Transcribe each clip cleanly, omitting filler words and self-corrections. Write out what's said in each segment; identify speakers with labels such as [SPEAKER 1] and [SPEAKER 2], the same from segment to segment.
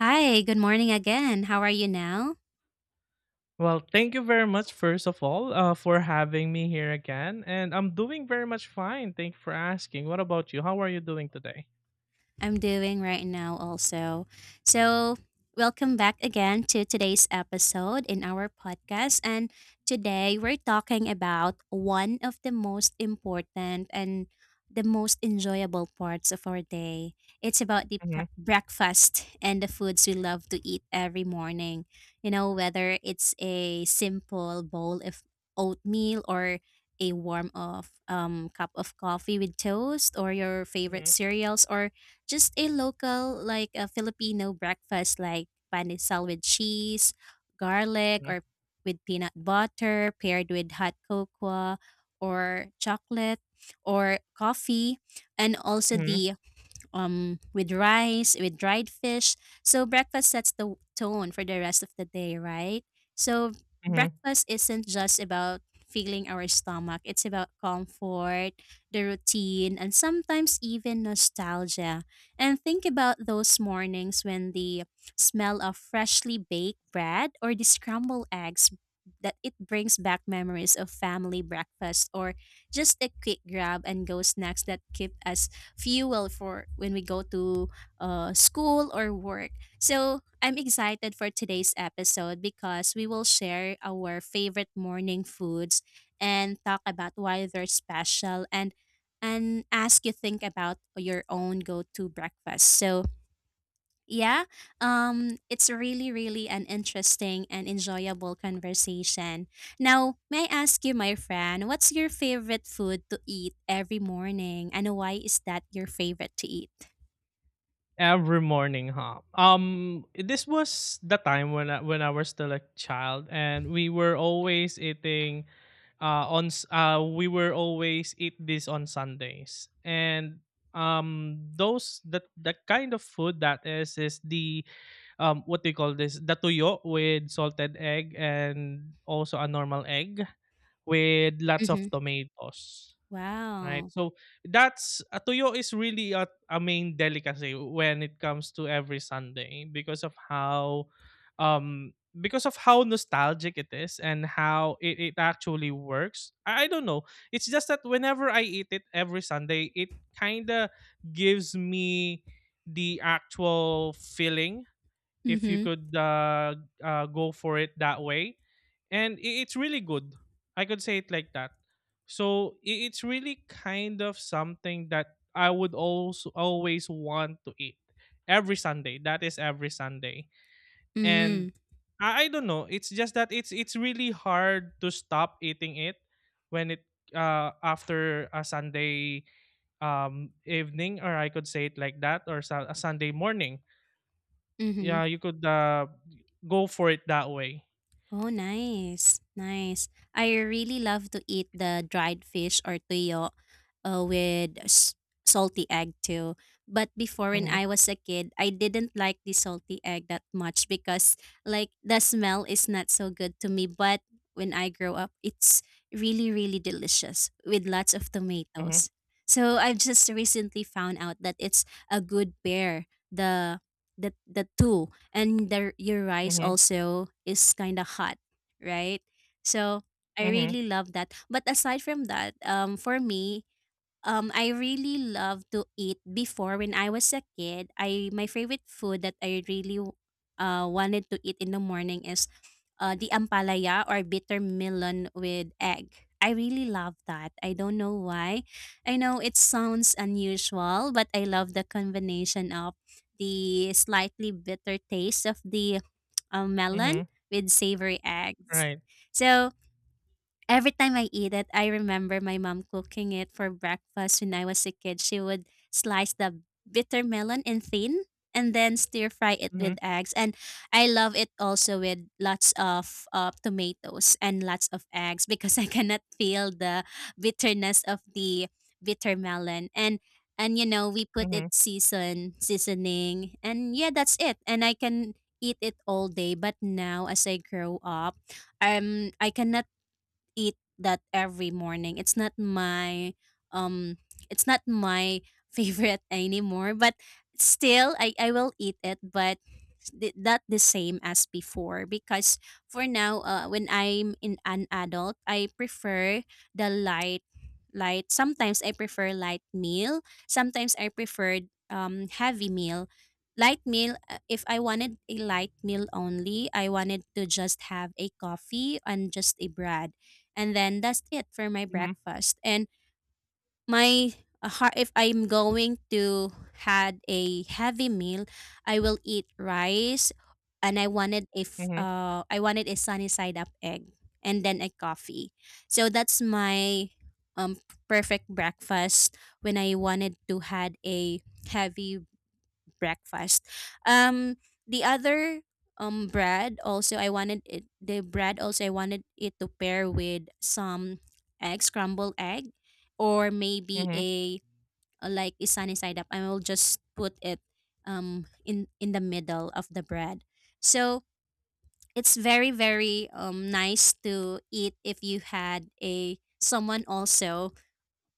[SPEAKER 1] Hi, good morning again. How are you now?
[SPEAKER 2] Well, thank you very much, first of all, for having me here again. And I'm doing very much fine. Thank you for asking. What about you? How are you doing today?
[SPEAKER 1] I'm doing right now also. So, welcome back again to today's episode in our podcast. And today we're talking about one of the most important and the most enjoyable parts of our day. It's about the
[SPEAKER 2] Hmm.
[SPEAKER 1] breakfast and the foods we love to eat every morning. Whether it's a simple bowl of oatmeal or a warm of cup of coffee with toast or your favorite
[SPEAKER 2] Hmm.
[SPEAKER 1] cereals or just a local like a Filipino breakfast like panisal with cheese, garlic or with peanut butter paired with hot cocoa or chocolate or coffee and also
[SPEAKER 2] Hmm.
[SPEAKER 1] the with rice, with dried fish. So breakfast sets the tone for the rest of the day, right? So
[SPEAKER 2] Hmm.
[SPEAKER 1] breakfast isn't just about feeling our stomach. It's about comfort, the routine, and sometimes even nostalgia. And think about those mornings when the smell of freshly baked bread or the scrambled eggs that it brings back memories of family breakfast or just a quick grab and go snacks that keep us fuel for when we go to school or work. So I'm excited for today's episode because we will share our favorite morning foods and talk about why they're special, and ask you think about your own go-to breakfast. So yeah, it's really, really an interesting and enjoyable conversation. Now, may I ask you, my friend, what's your favorite food to eat every morning, and why is that your favorite to eat?
[SPEAKER 2] Every morning, huh? This was the time when when I was still a child, and we were always eating, we were always eat this on Sundays, and those the kind of food that is the what do you call this? The tuyo with salted egg and also a normal egg with lots of
[SPEAKER 1] Mm-hmm.
[SPEAKER 2] tomatoes, right?
[SPEAKER 1] Wow.
[SPEAKER 2] So that's tuyo is really a main delicacy when it comes to every Sunday um because of how nostalgic it is and how it actually works. I don't know. It's just that whenever I eat it every Sunday, it kinda gives me the actual feeling, if you
[SPEAKER 1] Mm-hmm.
[SPEAKER 2] could go for it that way, and it's really good, I could say it like that. So it's really kind of something that I would also always want to eat every Sunday. That is every Sunday.
[SPEAKER 1] Mm-hmm.
[SPEAKER 2] And I don't know, it's just that it's really hard to stop eating it when it, after a Sunday evening, or I could say it like that, or a Sunday morning.
[SPEAKER 1] Mm-hmm.
[SPEAKER 2] Yeah, you could go for it that way.
[SPEAKER 1] Oh, nice. Nice. I really love to eat the dried fish or tuyo with salty egg too. But before when
[SPEAKER 2] Mhm.
[SPEAKER 1] I was a kid, I didn't like the salty egg that much because like the smell is not so good to me. But when I grow up, it's really, really delicious with lots of
[SPEAKER 2] Mhm.
[SPEAKER 1] tomatoes. So I've just recently found out that it's a good pair, the the two, and your rice
[SPEAKER 2] Mhm.
[SPEAKER 1] also is kind of hot, right? So I
[SPEAKER 2] Mhm.
[SPEAKER 1] really love that. But aside from that, for me, I really love to eat before when I was a kid. I My favorite food that I really wanted to eat in the morning is the ampalaya or bitter melon with egg. I really love that. I don't know why. I know it sounds unusual, but I love the combination of the slightly bitter taste of the
[SPEAKER 2] Mhm.
[SPEAKER 1] melon with savory eggs.
[SPEAKER 2] Right.
[SPEAKER 1] So every time I eat it, I remember my mom cooking it for breakfast when I was a kid. She would slice the bitter melon in thin and then stir fry it
[SPEAKER 2] Mhm.
[SPEAKER 1] with eggs. And I love it also with lots of tomatoes and lots of eggs because I cannot feel the bitterness of the bitter melon. And you know we put
[SPEAKER 2] Mhm.
[SPEAKER 1] it seasoning, and yeah, that's it, and I can eat it all day. But now as I grow up, I cannot eat that every morning. It's not my um it's not my favorite anymore, but still I will eat it, but not the same as before, because for now, when I'm in an adult, I prefer the light light sometimes I prefer light meal, sometimes I prefer heavy meal, light meal, if I wanted a light meal only, I wanted to just have a coffee and just a bread, and then that's it for my
[SPEAKER 2] Mhm.
[SPEAKER 1] breakfast. And my if I'm going to had a heavy meal, I will eat rice, and I wanted if
[SPEAKER 2] Mhm.
[SPEAKER 1] I wanted a sunny side up egg and then a coffee. So that's my um perfect breakfast when I wanted to had a heavy breakfast. Um, the other bread also I wanted it, the bread also I wanted it to pair with some egg scrambled egg, or maybe
[SPEAKER 2] Mhm.
[SPEAKER 1] a like is sunny side up. I will just put it in the middle of the bread. So it's very very nice to eat if you had a someone also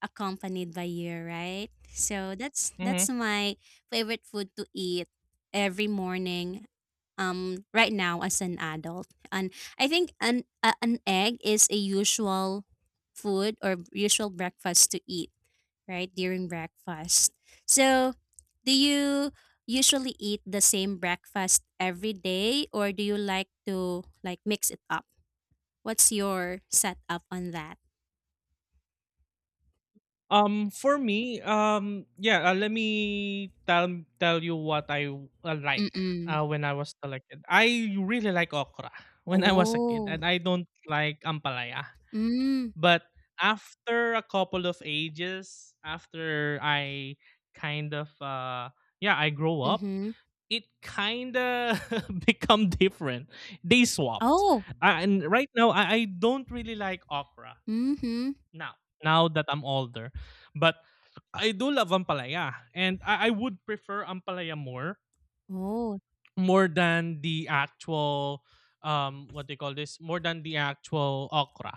[SPEAKER 1] accompanied by you, right? So that's
[SPEAKER 2] Mhm.
[SPEAKER 1] my favorite food to eat every morning. Right now as an adult, and I think an egg is a usual food or usual breakfast to eat right during breakfast. So, do you usually eat the same breakfast every day, or do you like to like mix it up? What's your setup on that?
[SPEAKER 2] For me, let me tell you what I
[SPEAKER 1] Mm
[SPEAKER 2] like
[SPEAKER 1] mm.
[SPEAKER 2] when I was still a kid. I really like okra when I was a kid,
[SPEAKER 1] Oh.
[SPEAKER 2] and I don't like ampalaya.
[SPEAKER 1] Mm.
[SPEAKER 2] But after a couple of ages, after I kind of uh yeah, I grow up,
[SPEAKER 1] Mhm.
[SPEAKER 2] it kind of become different. They swapped.
[SPEAKER 1] Oh!
[SPEAKER 2] And right now I don't really like okra
[SPEAKER 1] Mhm.
[SPEAKER 2] now. Now that I'm older, but I do love ampalaya, and I would prefer ampalaya more,
[SPEAKER 1] Oh.
[SPEAKER 2] more than the actual what they call this more than the actual okra.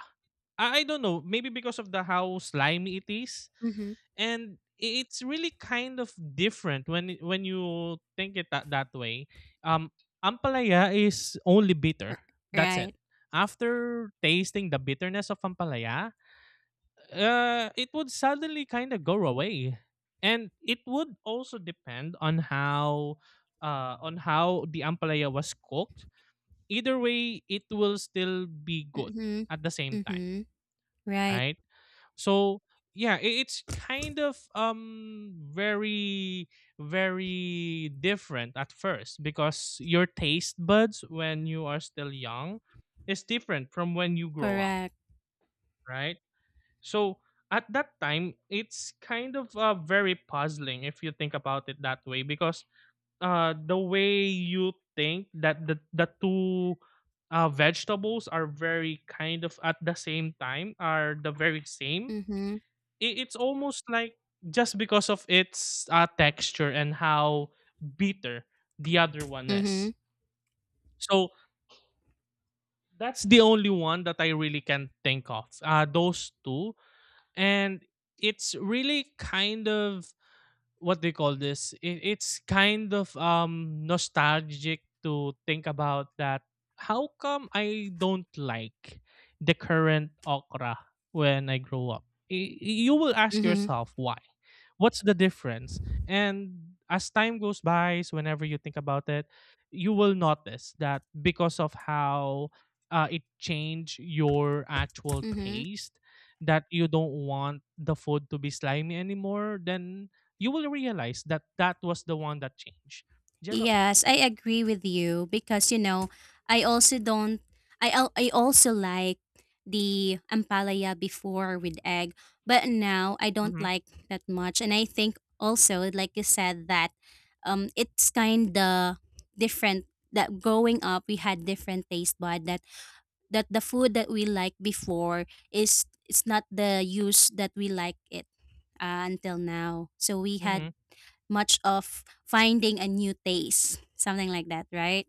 [SPEAKER 2] I don't know, maybe because of the how slimy it is,
[SPEAKER 1] Mhm.
[SPEAKER 2] and it's really kind of different when when you think it that way. Um Ampalaya is only
[SPEAKER 1] R
[SPEAKER 2] bitter. That's it.
[SPEAKER 1] Right.
[SPEAKER 2] After tasting the bitterness of ampalaya, it would suddenly kind of go away. And it would also depend on how the ampalaya was cooked. Either way, it will still be good
[SPEAKER 1] Mhm.
[SPEAKER 2] at the same time,
[SPEAKER 1] Mhm. Right.
[SPEAKER 2] right? So yeah, it's kind of very, very different at first, because your taste buds when you are still young is different from when you grow up,
[SPEAKER 1] Correct.
[SPEAKER 2] right? So at that time, it's kind of very puzzling if you think about it that way, because the way you think that the two vegetables are very kind of at the same time are the very same,
[SPEAKER 1] Mhm.
[SPEAKER 2] it's almost like just because of its texture and how bitter the other one is.
[SPEAKER 1] Mhm.
[SPEAKER 2] So that's the only one that I really can think of. Those two, and it's really kind of what they call this it, it's kind of nostalgic to think about that. How come I don't like the current okra when I grow up? Y- you will ask
[SPEAKER 1] Mhm.
[SPEAKER 2] yourself why. What's the difference? And as time goes by, so whenever you think about it, you will notice that because of how it changed your actual
[SPEAKER 1] Mhm.
[SPEAKER 2] taste, that you don't want the food to be slimy anymore. Then you will realize that that was the one that changed. Jello.
[SPEAKER 1] Yes, I agree with you, because, you know, I also don't, I also like the ampalaya before with egg, but now I don't
[SPEAKER 2] Hmm.
[SPEAKER 1] like that much. And I think also, like you said, that it's kinda different, that growing up, we had different taste bud, that the food that we liked before is it's not the use that we like it until now. So we
[SPEAKER 2] Hmm.
[SPEAKER 1] had much of finding a new taste, something like that, right?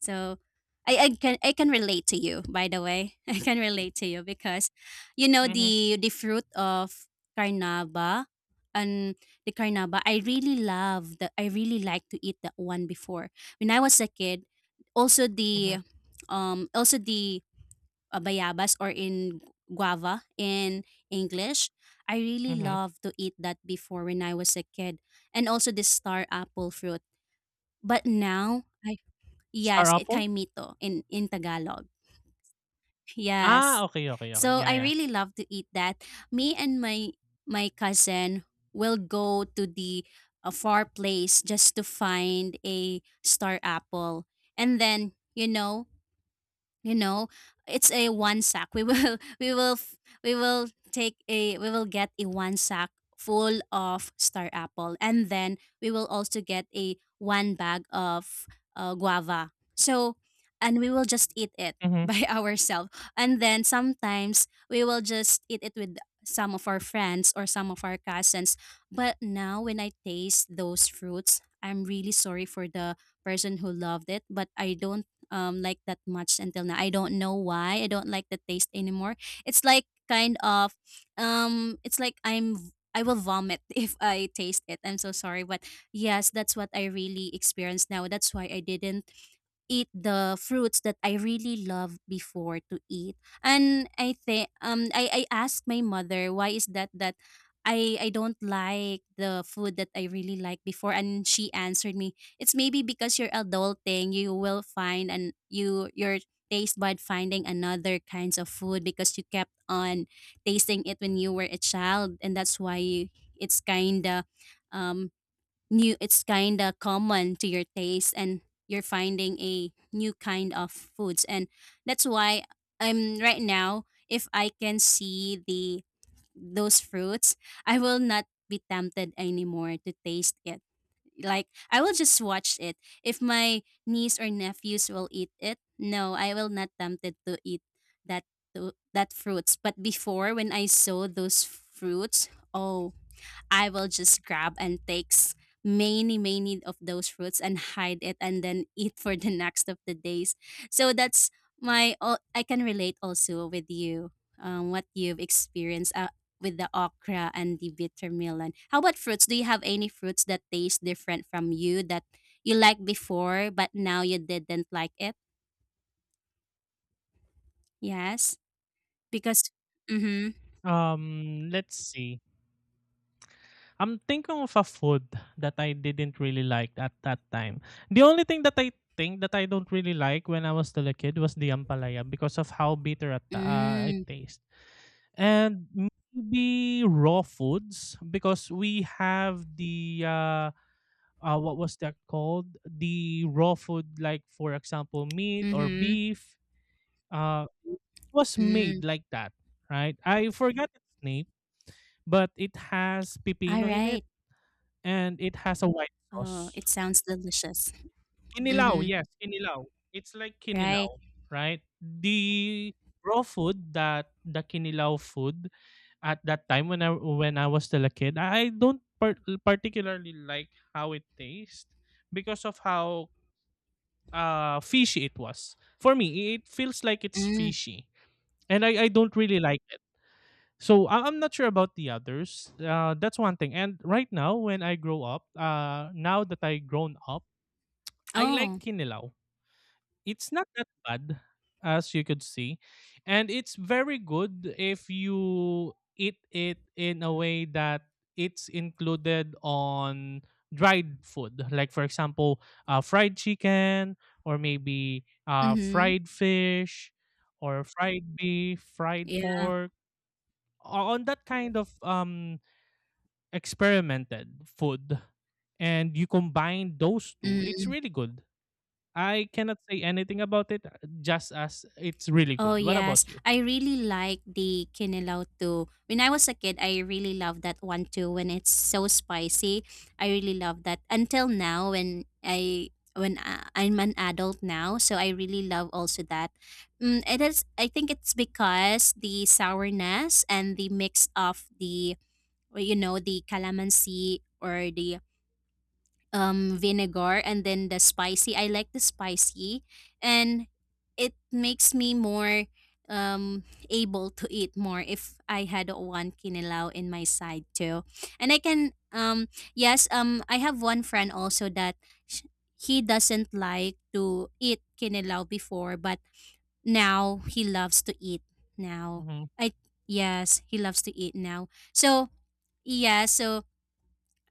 [SPEAKER 1] So I can I can relate to you, by the way. I can relate to you because you know
[SPEAKER 2] Hmm.
[SPEAKER 1] the fruit of carnaba and the carnaba. I really love the, I really like to eat that one before. When I was a kid, also
[SPEAKER 2] Hmm.
[SPEAKER 1] the um also the bayabas, or in guava in English. I really
[SPEAKER 2] Hmm.
[SPEAKER 1] love to eat that before when I was a kid. And also the star apple fruit. But now, I,
[SPEAKER 2] Star
[SPEAKER 1] yes, eh,
[SPEAKER 2] apple?
[SPEAKER 1] kaimito in Tagalog. Yes.
[SPEAKER 2] Ah, okay, okay, okay.
[SPEAKER 1] So
[SPEAKER 2] Yeah,
[SPEAKER 1] I
[SPEAKER 2] yeah.
[SPEAKER 1] really love to eat that. Me and my cousin will go to the a far place just to find a star apple. And then, you know it's a one sack we will we will get a one sack full of star apple, and then we will also get a one bag of guava. So and we will just eat it
[SPEAKER 2] Hmm.
[SPEAKER 1] by ourselves, and then sometimes we will just eat it with some of our friends or some of our cousins. But now when I taste those fruits, I'm really sorry for the person who loved it, but I don't like that much until now. I don't know why. I don't like the taste anymore. It's like kind of it's like I will vomit if I taste it. I'm so sorry, but yes, that's what I really experienced now. That's why I didn't eat the fruits that I really love before to eat. And I think I asked my mother why is that that I don't like the food that I really liked before, and she answered me it's maybe because you're adulting, you will find and you your taste bud finding another kinds of food because you kept on tasting it when you were a child, and that's why it's kind of um new, it's kind of common to your taste, and you're finding a new kind of foods, and that's why I'm right now, if I can see the those fruits, I will not be tempted anymore to taste it. Like I will just watch it. If my niece or nephews will eat it, no, I will not tempted to eat that that fruits. But before when I saw those fruits, oh, I will just grab and takes many many of those fruits and hide it and then eat for the next of the days. So that's I can relate also with you, what you've experienced with the okra and the bitter melon. How about fruits? Do you have any fruits that taste different from you that you liked before but now you didn't like it? Yes, because mm-hmm.
[SPEAKER 2] Let's see. I'm thinking of a food that I didn't really like at that time. The only thing that I think that I don't really like when I was still a kid was the ampalaya because of how bitter at it
[SPEAKER 1] Mm,
[SPEAKER 2] tastes. And maybe raw foods, because we have the what was that called? The raw food, like for example meat or
[SPEAKER 1] mm-hmm.
[SPEAKER 2] beef, uh was
[SPEAKER 1] Mm.
[SPEAKER 2] made like that, right? I forgot its name, but it has
[SPEAKER 1] All
[SPEAKER 2] pipino in it
[SPEAKER 1] right.
[SPEAKER 2] and it has a white
[SPEAKER 1] Oh,
[SPEAKER 2] sauce.
[SPEAKER 1] it sounds delicious.
[SPEAKER 2] Kinilaw,
[SPEAKER 1] Mm-hmm.
[SPEAKER 2] yes, kinilaw. It's like
[SPEAKER 1] Right.
[SPEAKER 2] kinilaw, right? The raw food, that the kinilaw food, at that time when I, when I was still a kid, I don't particularly like how it tastes because of how fishy it was. For me, it feels like it's
[SPEAKER 1] Mm.
[SPEAKER 2] fishy, and I don't really like it. So I'm not sure about the others. That's one thing. And right now, when I grow up, now that I grown up, I
[SPEAKER 1] Oh.
[SPEAKER 2] like kinilaw. It's not that bad, as you could see, and it's very good if you eat it in a way that it's included on dried food, like for example, fried chicken, or maybe
[SPEAKER 1] Mm-hmm.
[SPEAKER 2] fried fish, or fried beef, fried
[SPEAKER 1] Yeah.
[SPEAKER 2] pork, on that kind of experimented food, and you combine those two,
[SPEAKER 1] Mm.
[SPEAKER 2] it's really good. I cannot say anything about it, just as it's really
[SPEAKER 1] Oh
[SPEAKER 2] good. What
[SPEAKER 1] yes.
[SPEAKER 2] about you?
[SPEAKER 1] I really like the kinilaw too. When I was a kid, I really loved that one too. When it's so spicy, I really love that. Until now, I'm an adult now, so I really love also that. Mm, it is. I think it's because the sourness and the mix of the or, you know the calamansi or the vinegar and then the spicy. I like the spicy, and it makes me more um able to eat more if I had one kinilaw in my side too. And I can, yes, I have one friend also that sh- he doesn't like to eat kinilaw before, but now he loves to eat now.
[SPEAKER 2] Hmm.
[SPEAKER 1] I Yes, he loves to eat now. So yeah, so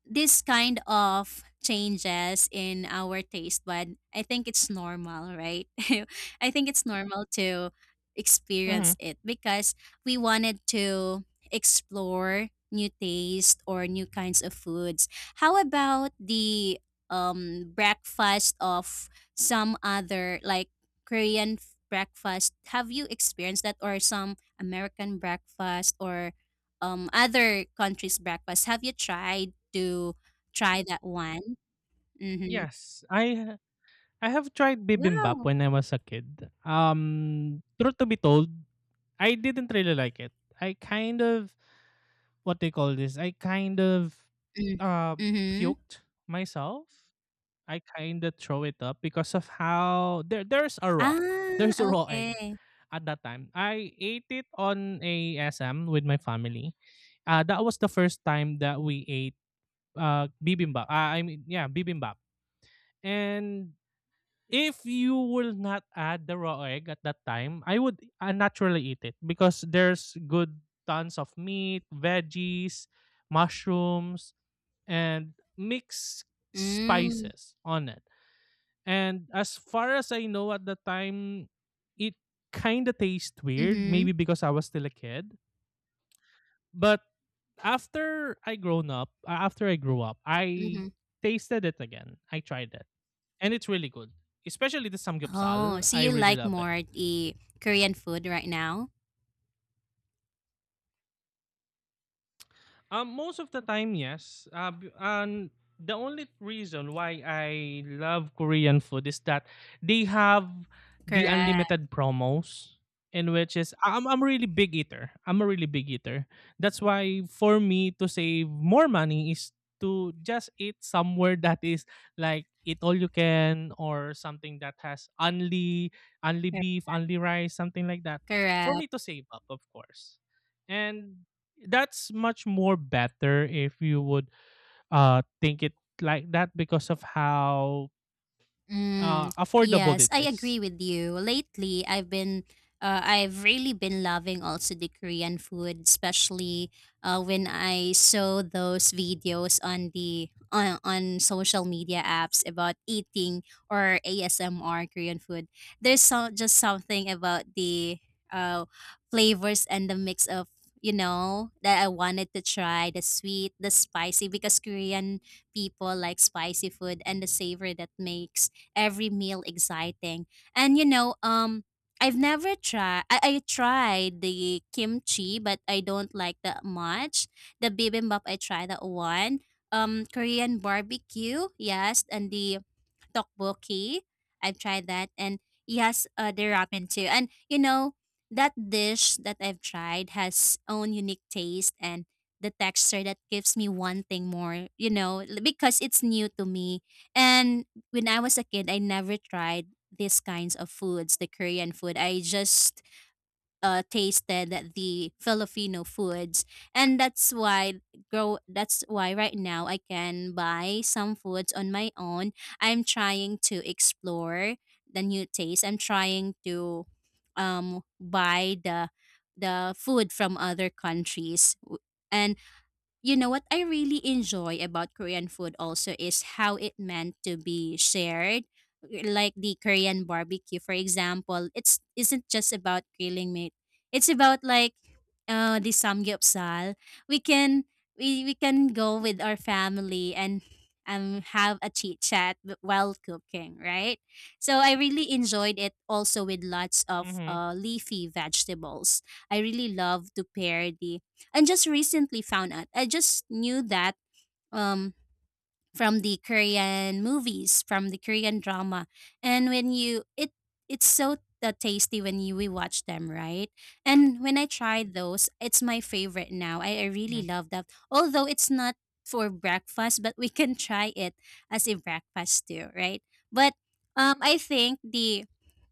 [SPEAKER 1] this kind of changes in our taste bud, I think it's normal, right? I think it's normal to
[SPEAKER 2] Hmm.
[SPEAKER 1] experience it because we wanted to explore new taste or new kinds of foods. How about the breakfast of some other like breakfast? Have you experienced that or some American breakfast or other countries' breakfast? Have you tried to try that one? Mm-hmm.
[SPEAKER 2] Yes, I have tried bibimbap
[SPEAKER 1] Wow.
[SPEAKER 2] when I was a kid. Truth to be told, I didn't really like it. I kind of what they call this. I kind of
[SPEAKER 1] Mm.
[SPEAKER 2] uh
[SPEAKER 1] Mm-hmm.
[SPEAKER 2] puked myself, I kind of throw it up because of how there's a raw
[SPEAKER 1] Ah,
[SPEAKER 2] there's a raw egg
[SPEAKER 1] okay.
[SPEAKER 2] at that time. I ate it on a S M with my family. That was the first time that we ate bibimbap. I mean yeah, bibimbap. And if you will not add the raw egg at that time, I would naturally eat it because there's good tons of meat, veggies, mushrooms, and mixed
[SPEAKER 1] Mm.
[SPEAKER 2] spices on it, and as far as I know at the time, it kind of tastes weird,
[SPEAKER 1] Mm-hmm.
[SPEAKER 2] maybe because I was still a kid. But after I grown up, after I grew up, I
[SPEAKER 1] Mm-hmm.
[SPEAKER 2] tasted it again. I tried it. And it's really good. Especially the
[SPEAKER 1] Oh,
[SPEAKER 2] samgyeopsal.
[SPEAKER 1] so
[SPEAKER 2] I
[SPEAKER 1] you
[SPEAKER 2] really
[SPEAKER 1] like
[SPEAKER 2] love it.
[SPEAKER 1] more the Korean food right now?
[SPEAKER 2] Most of the time, yes. And the only reason why I love Korean food is that they have the
[SPEAKER 1] Correct.
[SPEAKER 2] unlimited promos, in which is I'm a really big eater. I'm a really big eater. That's why for me to save more money is to just eat somewhere that is like eat all you can, or something that has only beef, only rice, something like that. For
[SPEAKER 1] Correct.
[SPEAKER 2] me to save up, of course. And that's much more better if you would think it like that because of how
[SPEAKER 1] Mm,
[SPEAKER 2] affordable
[SPEAKER 1] yes,
[SPEAKER 2] it
[SPEAKER 1] I
[SPEAKER 2] is.
[SPEAKER 1] agree with you. Lately, I've I've really been loving also the Korean food, especially when I saw those videos on on social media apps about eating or ASMR Korean food. There's so, just something about the uh, flavors and the mix of you know that I wanted to try the sweet, the spicy, because Korean people like spicy food and the savor that makes every meal exciting. And you know, I've never tried. I tried the kimchi, but I don't like that much. The bibimbap, I tried that one. Korean barbecue, yes, and the tteokbokki, I've tried that, and yes, the ramen too. And you know, that dish that I've tried has own unique taste and the texture that gives me one thing more, you know, because it's new to me. And when I was a kid, I never tried these kinds of foods, the Korean food. I just tasted the Filipino foods, and that's why grow. That's why right now I can buy some foods on my own. I'm trying to explore the new taste. I'm trying to buy the food from other countries, and you know what I really enjoy about Korean food also is how it meant to be shared. Like the Korean barbecue, for example, it's isn't just about grilling meat. It's about like the samgyeopsal. We can we can go with our family and have a chit chat while cooking, right? So I really enjoyed it also with lots of
[SPEAKER 2] Mhm.
[SPEAKER 1] leafy vegetables. I really love to pair the and just recently found out. I just knew that um from the Korean movies, from the Korean drama. And when you it it's so tasty when you we watch them, right? And when I tried those, it's my favorite now. I really
[SPEAKER 2] Mhm.
[SPEAKER 1] love that. Although it's not for breakfast, but we can try it as a breakfast too, right? But I think the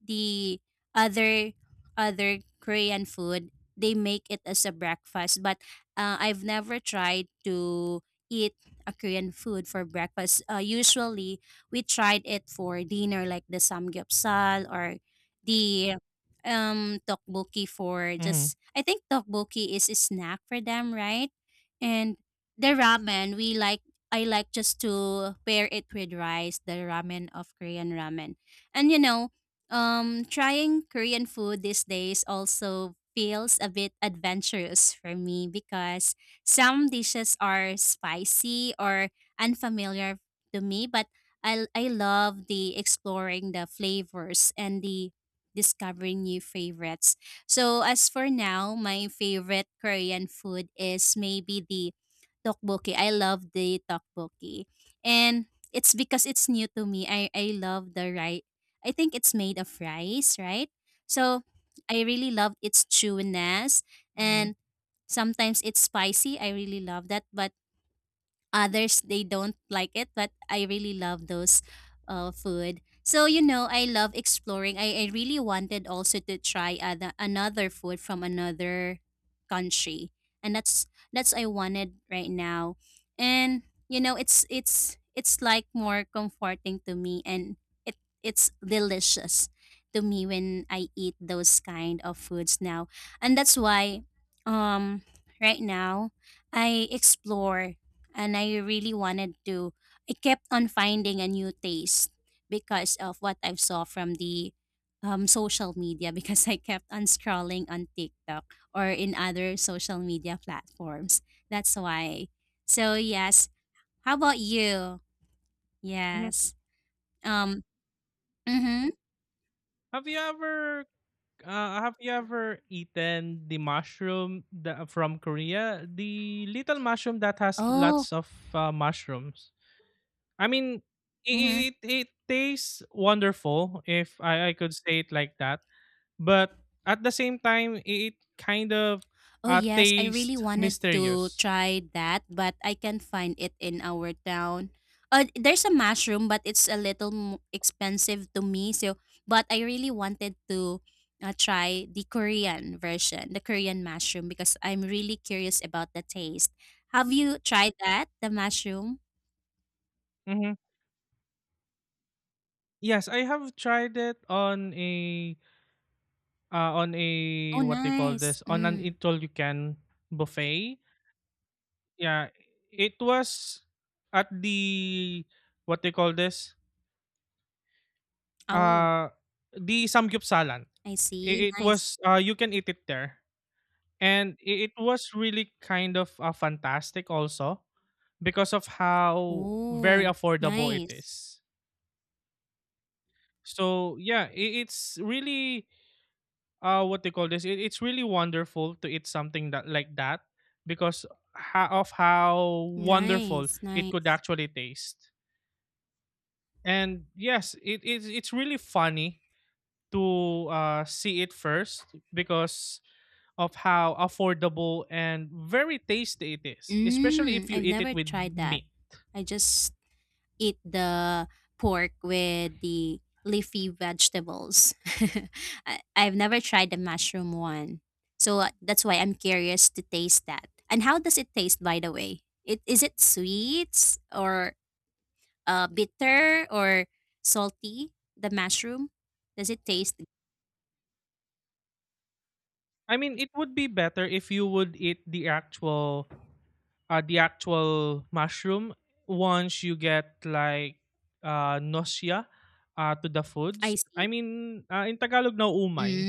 [SPEAKER 1] the other other Korean food, they make it as a breakfast, but I've never tried to eat a Korean food for breakfast. Usually, we tried it for dinner, like the samgyeopsal or the tteokbokki for
[SPEAKER 2] Mhm.
[SPEAKER 1] just. I think tteokbokki is a snack for them, right? And the ramen, we like. I like just to pair it with rice, the ramen of Korean ramen, and you know, trying Korean food these days also feels a bit adventurous for me because some dishes are spicy or unfamiliar to me, but I love the exploring the flavors and the discovering new favorites. So as for now, my favorite Korean food is maybe the tteokbokki. I love the tteokbokki. And it's because it's new to me. I love the rice. I think it's made of rice, right? So I really love its chewiness
[SPEAKER 2] Mhm.
[SPEAKER 1] and sometimes it's spicy. I really love that. But others they don't like it, but I really love those food. So you know, I love exploring. I really wanted also to try other, another food from another country, and that's I wanted right now. And you know, it's it's like more comforting to me, and it it's delicious to me when I eat those kind of foods now. And that's why um right now I explore and I really wanted to I kept on finding a new taste because of what I saw from the social media because I kept on scrolling on TikTok or in other social media platforms. That's why. So yes. How about you?
[SPEAKER 2] Mhm.
[SPEAKER 1] Yes. Um. Mm-hmm.
[SPEAKER 2] Have you ever have you ever eaten the mushroom that from Korea? The little mushroom that has
[SPEAKER 1] Oh.
[SPEAKER 2] lots of mushrooms. I mean,
[SPEAKER 1] Mhm.
[SPEAKER 2] it tastes wonderful, if I could say it like that, but at the same time, it kind of
[SPEAKER 1] Oh yes, I really
[SPEAKER 2] tastes
[SPEAKER 1] wanted to
[SPEAKER 2] mysterious.
[SPEAKER 1] try that, but I can't find it in our town. There's a mushroom, but it's a little expensive to me. So, but I really wanted to try the Korean version, the Korean mushroom, because I'm really curious about the taste. Have you tried that, the mushroom?
[SPEAKER 2] Hmm. Yes, I have tried it on a, uh, on a
[SPEAKER 1] Oh,
[SPEAKER 2] what do you call
[SPEAKER 1] nice.
[SPEAKER 2] this? On an
[SPEAKER 1] Mm.
[SPEAKER 2] eat all you can buffet. Yeah, it was at the what do you call this?
[SPEAKER 1] Oh,
[SPEAKER 2] Uh, the samgyupsalan.
[SPEAKER 1] I see.
[SPEAKER 2] It
[SPEAKER 1] Nice.
[SPEAKER 2] was you can eat it there, and it was really kind of fantastic also because of how very
[SPEAKER 1] Oh,
[SPEAKER 2] affordable it
[SPEAKER 1] nice,
[SPEAKER 2] is. So yeah, it's really what they call this it, it's really wonderful to eat something that like that because of how wonderful
[SPEAKER 1] nice,
[SPEAKER 2] it could
[SPEAKER 1] nice.
[SPEAKER 2] actually taste. And yes it is, it's really funny to see it first because of how affordable and very tasty it is, especially if
[SPEAKER 1] Mm,
[SPEAKER 2] you
[SPEAKER 1] I've
[SPEAKER 2] eat it
[SPEAKER 1] never
[SPEAKER 2] with
[SPEAKER 1] tried that.
[SPEAKER 2] meat.
[SPEAKER 1] I just eat the pork with the leafy vegetables. I've never tried the mushroom one. So that's why I'm curious to taste that. And how does it taste, by the way? It, is it sweet or bitter or salty, the mushroom? Does it taste?
[SPEAKER 2] I mean, it would be better if you would eat the actual mushroom once you get like nausea to the
[SPEAKER 1] I
[SPEAKER 2] foods.
[SPEAKER 1] see.
[SPEAKER 2] I mean, in Tagalog na umay,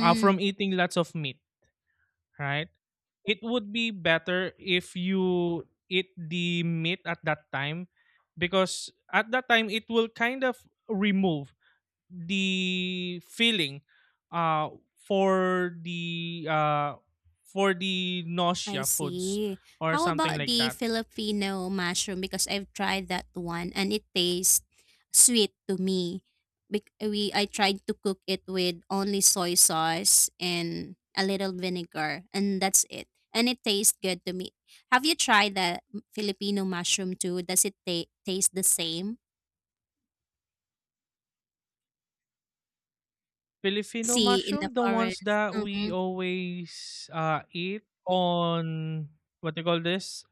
[SPEAKER 2] from eating lots of meat, right? It would be better if you eat the meat at that time, because at that time it will kind of remove the feeling uh for the uh for the
[SPEAKER 1] I
[SPEAKER 2] nausea foods
[SPEAKER 1] see.
[SPEAKER 2] or
[SPEAKER 1] How
[SPEAKER 2] something
[SPEAKER 1] about
[SPEAKER 2] like
[SPEAKER 1] the
[SPEAKER 2] that.
[SPEAKER 1] Filipino mushroom? Because I've tried that one, and it tastes sweet to me. Bec- We I tried to cook it with only soy sauce and a little vinegar, and that's it. And it tastes good to me. Have you tried the Filipino mushroom too? Does it taste the same?
[SPEAKER 2] Filipino
[SPEAKER 1] See in the
[SPEAKER 2] mushroom, the ones
[SPEAKER 1] forest.
[SPEAKER 2] that we
[SPEAKER 1] Mm-hmm.
[SPEAKER 2] always eat on what do you call this,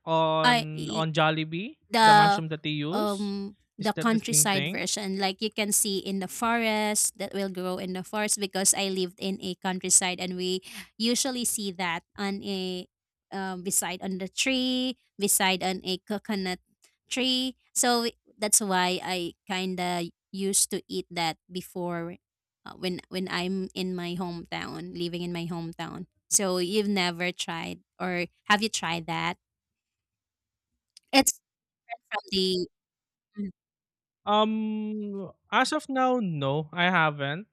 [SPEAKER 1] I.
[SPEAKER 2] on Jollibee, the
[SPEAKER 1] the
[SPEAKER 2] mushroom that they use, is
[SPEAKER 1] the
[SPEAKER 2] that the same
[SPEAKER 1] countryside
[SPEAKER 2] thing?
[SPEAKER 1] version like you can see in the forest that will grow in the forest because I lived in a countryside, and we usually see that on a beside on the tree, beside on a coconut tree. So that's why I kind of used to eat that before when I'm in my hometown, living in my hometown. So you've never tried, or have you tried that? It's different from the
[SPEAKER 2] As of now, no, I haven't.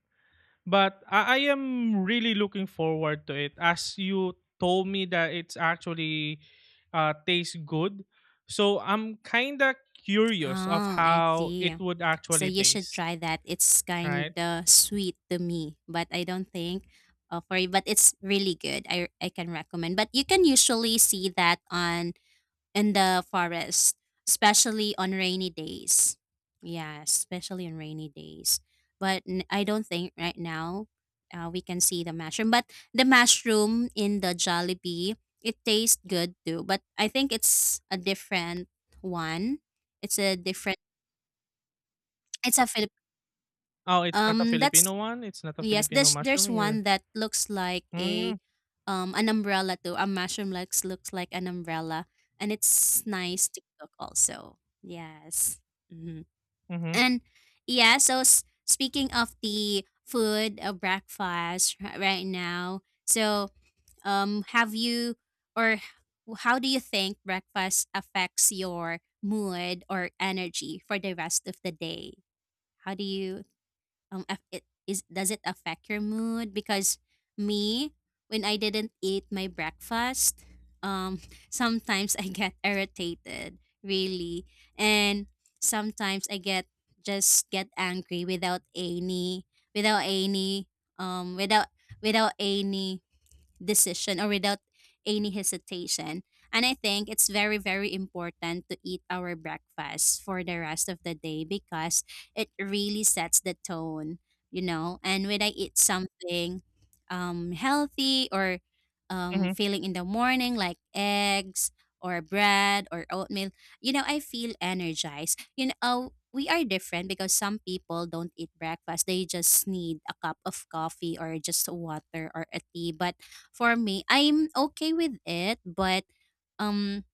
[SPEAKER 2] But I am really looking forward to it. As you told me that it's actually tastes good, so I'm kinda curious of
[SPEAKER 1] Oh, I
[SPEAKER 2] how
[SPEAKER 1] see.
[SPEAKER 2] it would
[SPEAKER 1] So
[SPEAKER 2] actually
[SPEAKER 1] you should
[SPEAKER 2] taste.
[SPEAKER 1] try that. It's kind
[SPEAKER 2] Right?
[SPEAKER 1] of sweet to me, but I don't think for you, but it's really good. I can recommend. But you can usually see that on in the forest, especially on rainy days. Yeah, especially on rainy days. But I don't think right now we can see the mushroom. But the mushroom in the Jollibee, it tastes good too. But I think it's a different one. It's a different. It's a Philip.
[SPEAKER 2] Oh, it's not a
[SPEAKER 1] That's
[SPEAKER 2] Filipino one. It's not a
[SPEAKER 1] yes,
[SPEAKER 2] Filipino
[SPEAKER 1] there's
[SPEAKER 2] mushroom.
[SPEAKER 1] there's
[SPEAKER 2] You're
[SPEAKER 1] one that looks like a
[SPEAKER 2] mm,
[SPEAKER 1] an umbrella too. A mushroom looks like an umbrella, and it's nice to cook also. Yes, hmm,
[SPEAKER 2] mm-hmm,
[SPEAKER 1] and yeah. So speaking of the food or breakfast right now, so have you or how do you think breakfast affects your mood or energy for the rest of the day? How do you if it is, does it affect your mood? Because me, when I didn't eat my breakfast, um sometimes I get irritated really, and sometimes I get just get angry without any without any without without any decision or without any hesitation. And I think it's very, very important to eat our breakfast for the rest of the day because it really sets the tone, you know. And when I eat something healthy or
[SPEAKER 2] mm-hmm,
[SPEAKER 1] feeling in the morning, like eggs or bread or oatmeal, you know, I feel energized. You know, we are different because some people don't eat breakfast. They just need a cup of coffee or just water or a tea. But for me, I'm okay with it, but um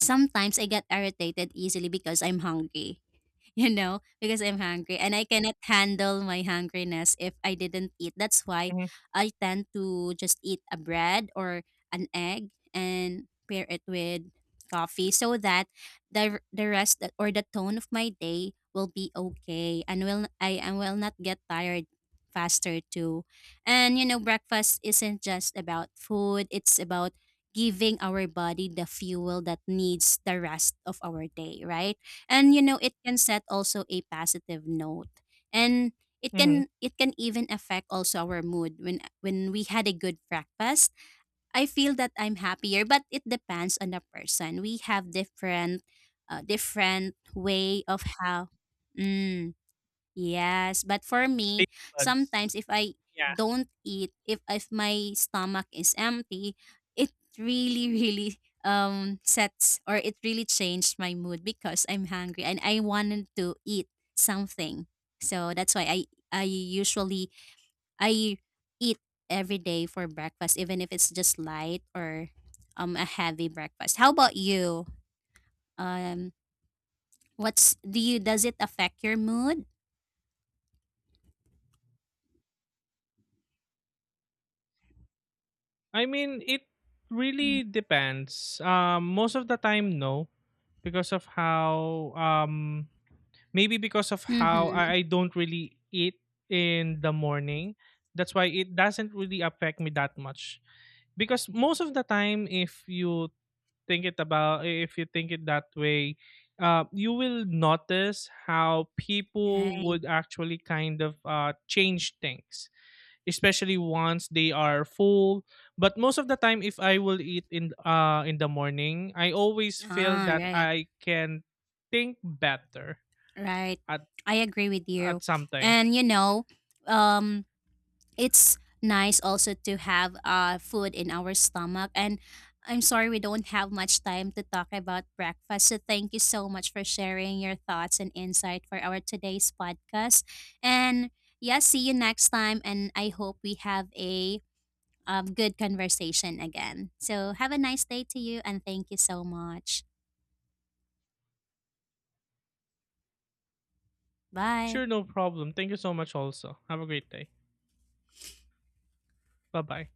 [SPEAKER 1] sometimes I get irritated easily because I'm hungry. You know, because I'm hungry and I cannot handle my hungriness if I didn't eat. That's why
[SPEAKER 2] mm-hmm,
[SPEAKER 1] I tend to just eat a bread or an egg and pair it with coffee so that the rest that- or the tone of my day will be okay, and will I and will not get tired faster too. And you know, breakfast isn't just about food, it's about giving our body the fuel that needs the rest of our day, right? And you know, it can set also a positive note, and it
[SPEAKER 2] mm-hmm.
[SPEAKER 1] can it can even affect also our mood when we had a good breakfast. I feel that I'm happier, but it depends on the person. We have different different way of how mm, yes, but for me,
[SPEAKER 2] Taste buds.
[SPEAKER 1] sometimes if I
[SPEAKER 2] Yeah.
[SPEAKER 1] don't eat, if my stomach is empty, it really really sets or it really changed my mood because I'm hungry and I wanted to eat something. So that's why I usually I eat every day for breakfast even if it's just light or a heavy breakfast. How about you? Um what's do you does it affect your mood?
[SPEAKER 2] I mean, it really depends. Most of the time, no, because of how maybe because of how
[SPEAKER 1] Mhm.
[SPEAKER 2] I don't really eat in the morning. That's why it doesn't really affect me that much. Because most of the time, if you think it about if you think it that way, you will notice how people
[SPEAKER 1] Right.
[SPEAKER 2] would actually kind of change things, especially once they are full. But most of the time, if I will eat in the morning, I always feel
[SPEAKER 1] Ah,
[SPEAKER 2] that
[SPEAKER 1] right,
[SPEAKER 2] I can think better
[SPEAKER 1] right.
[SPEAKER 2] at
[SPEAKER 1] I agree with you.
[SPEAKER 2] something.
[SPEAKER 1] And you know, um, it's nice also to have food in our stomach. And I'm sorry we don't have much time to talk about breakfast. So thank you so much for sharing your thoughts and insight for our today's podcast. And yeah, see you next time. And I hope we have a good conversation again. So have a nice day to you, and thank you so much. Bye.
[SPEAKER 2] Sure, no problem. Thank you so much, also. Have a great day. Bye bye.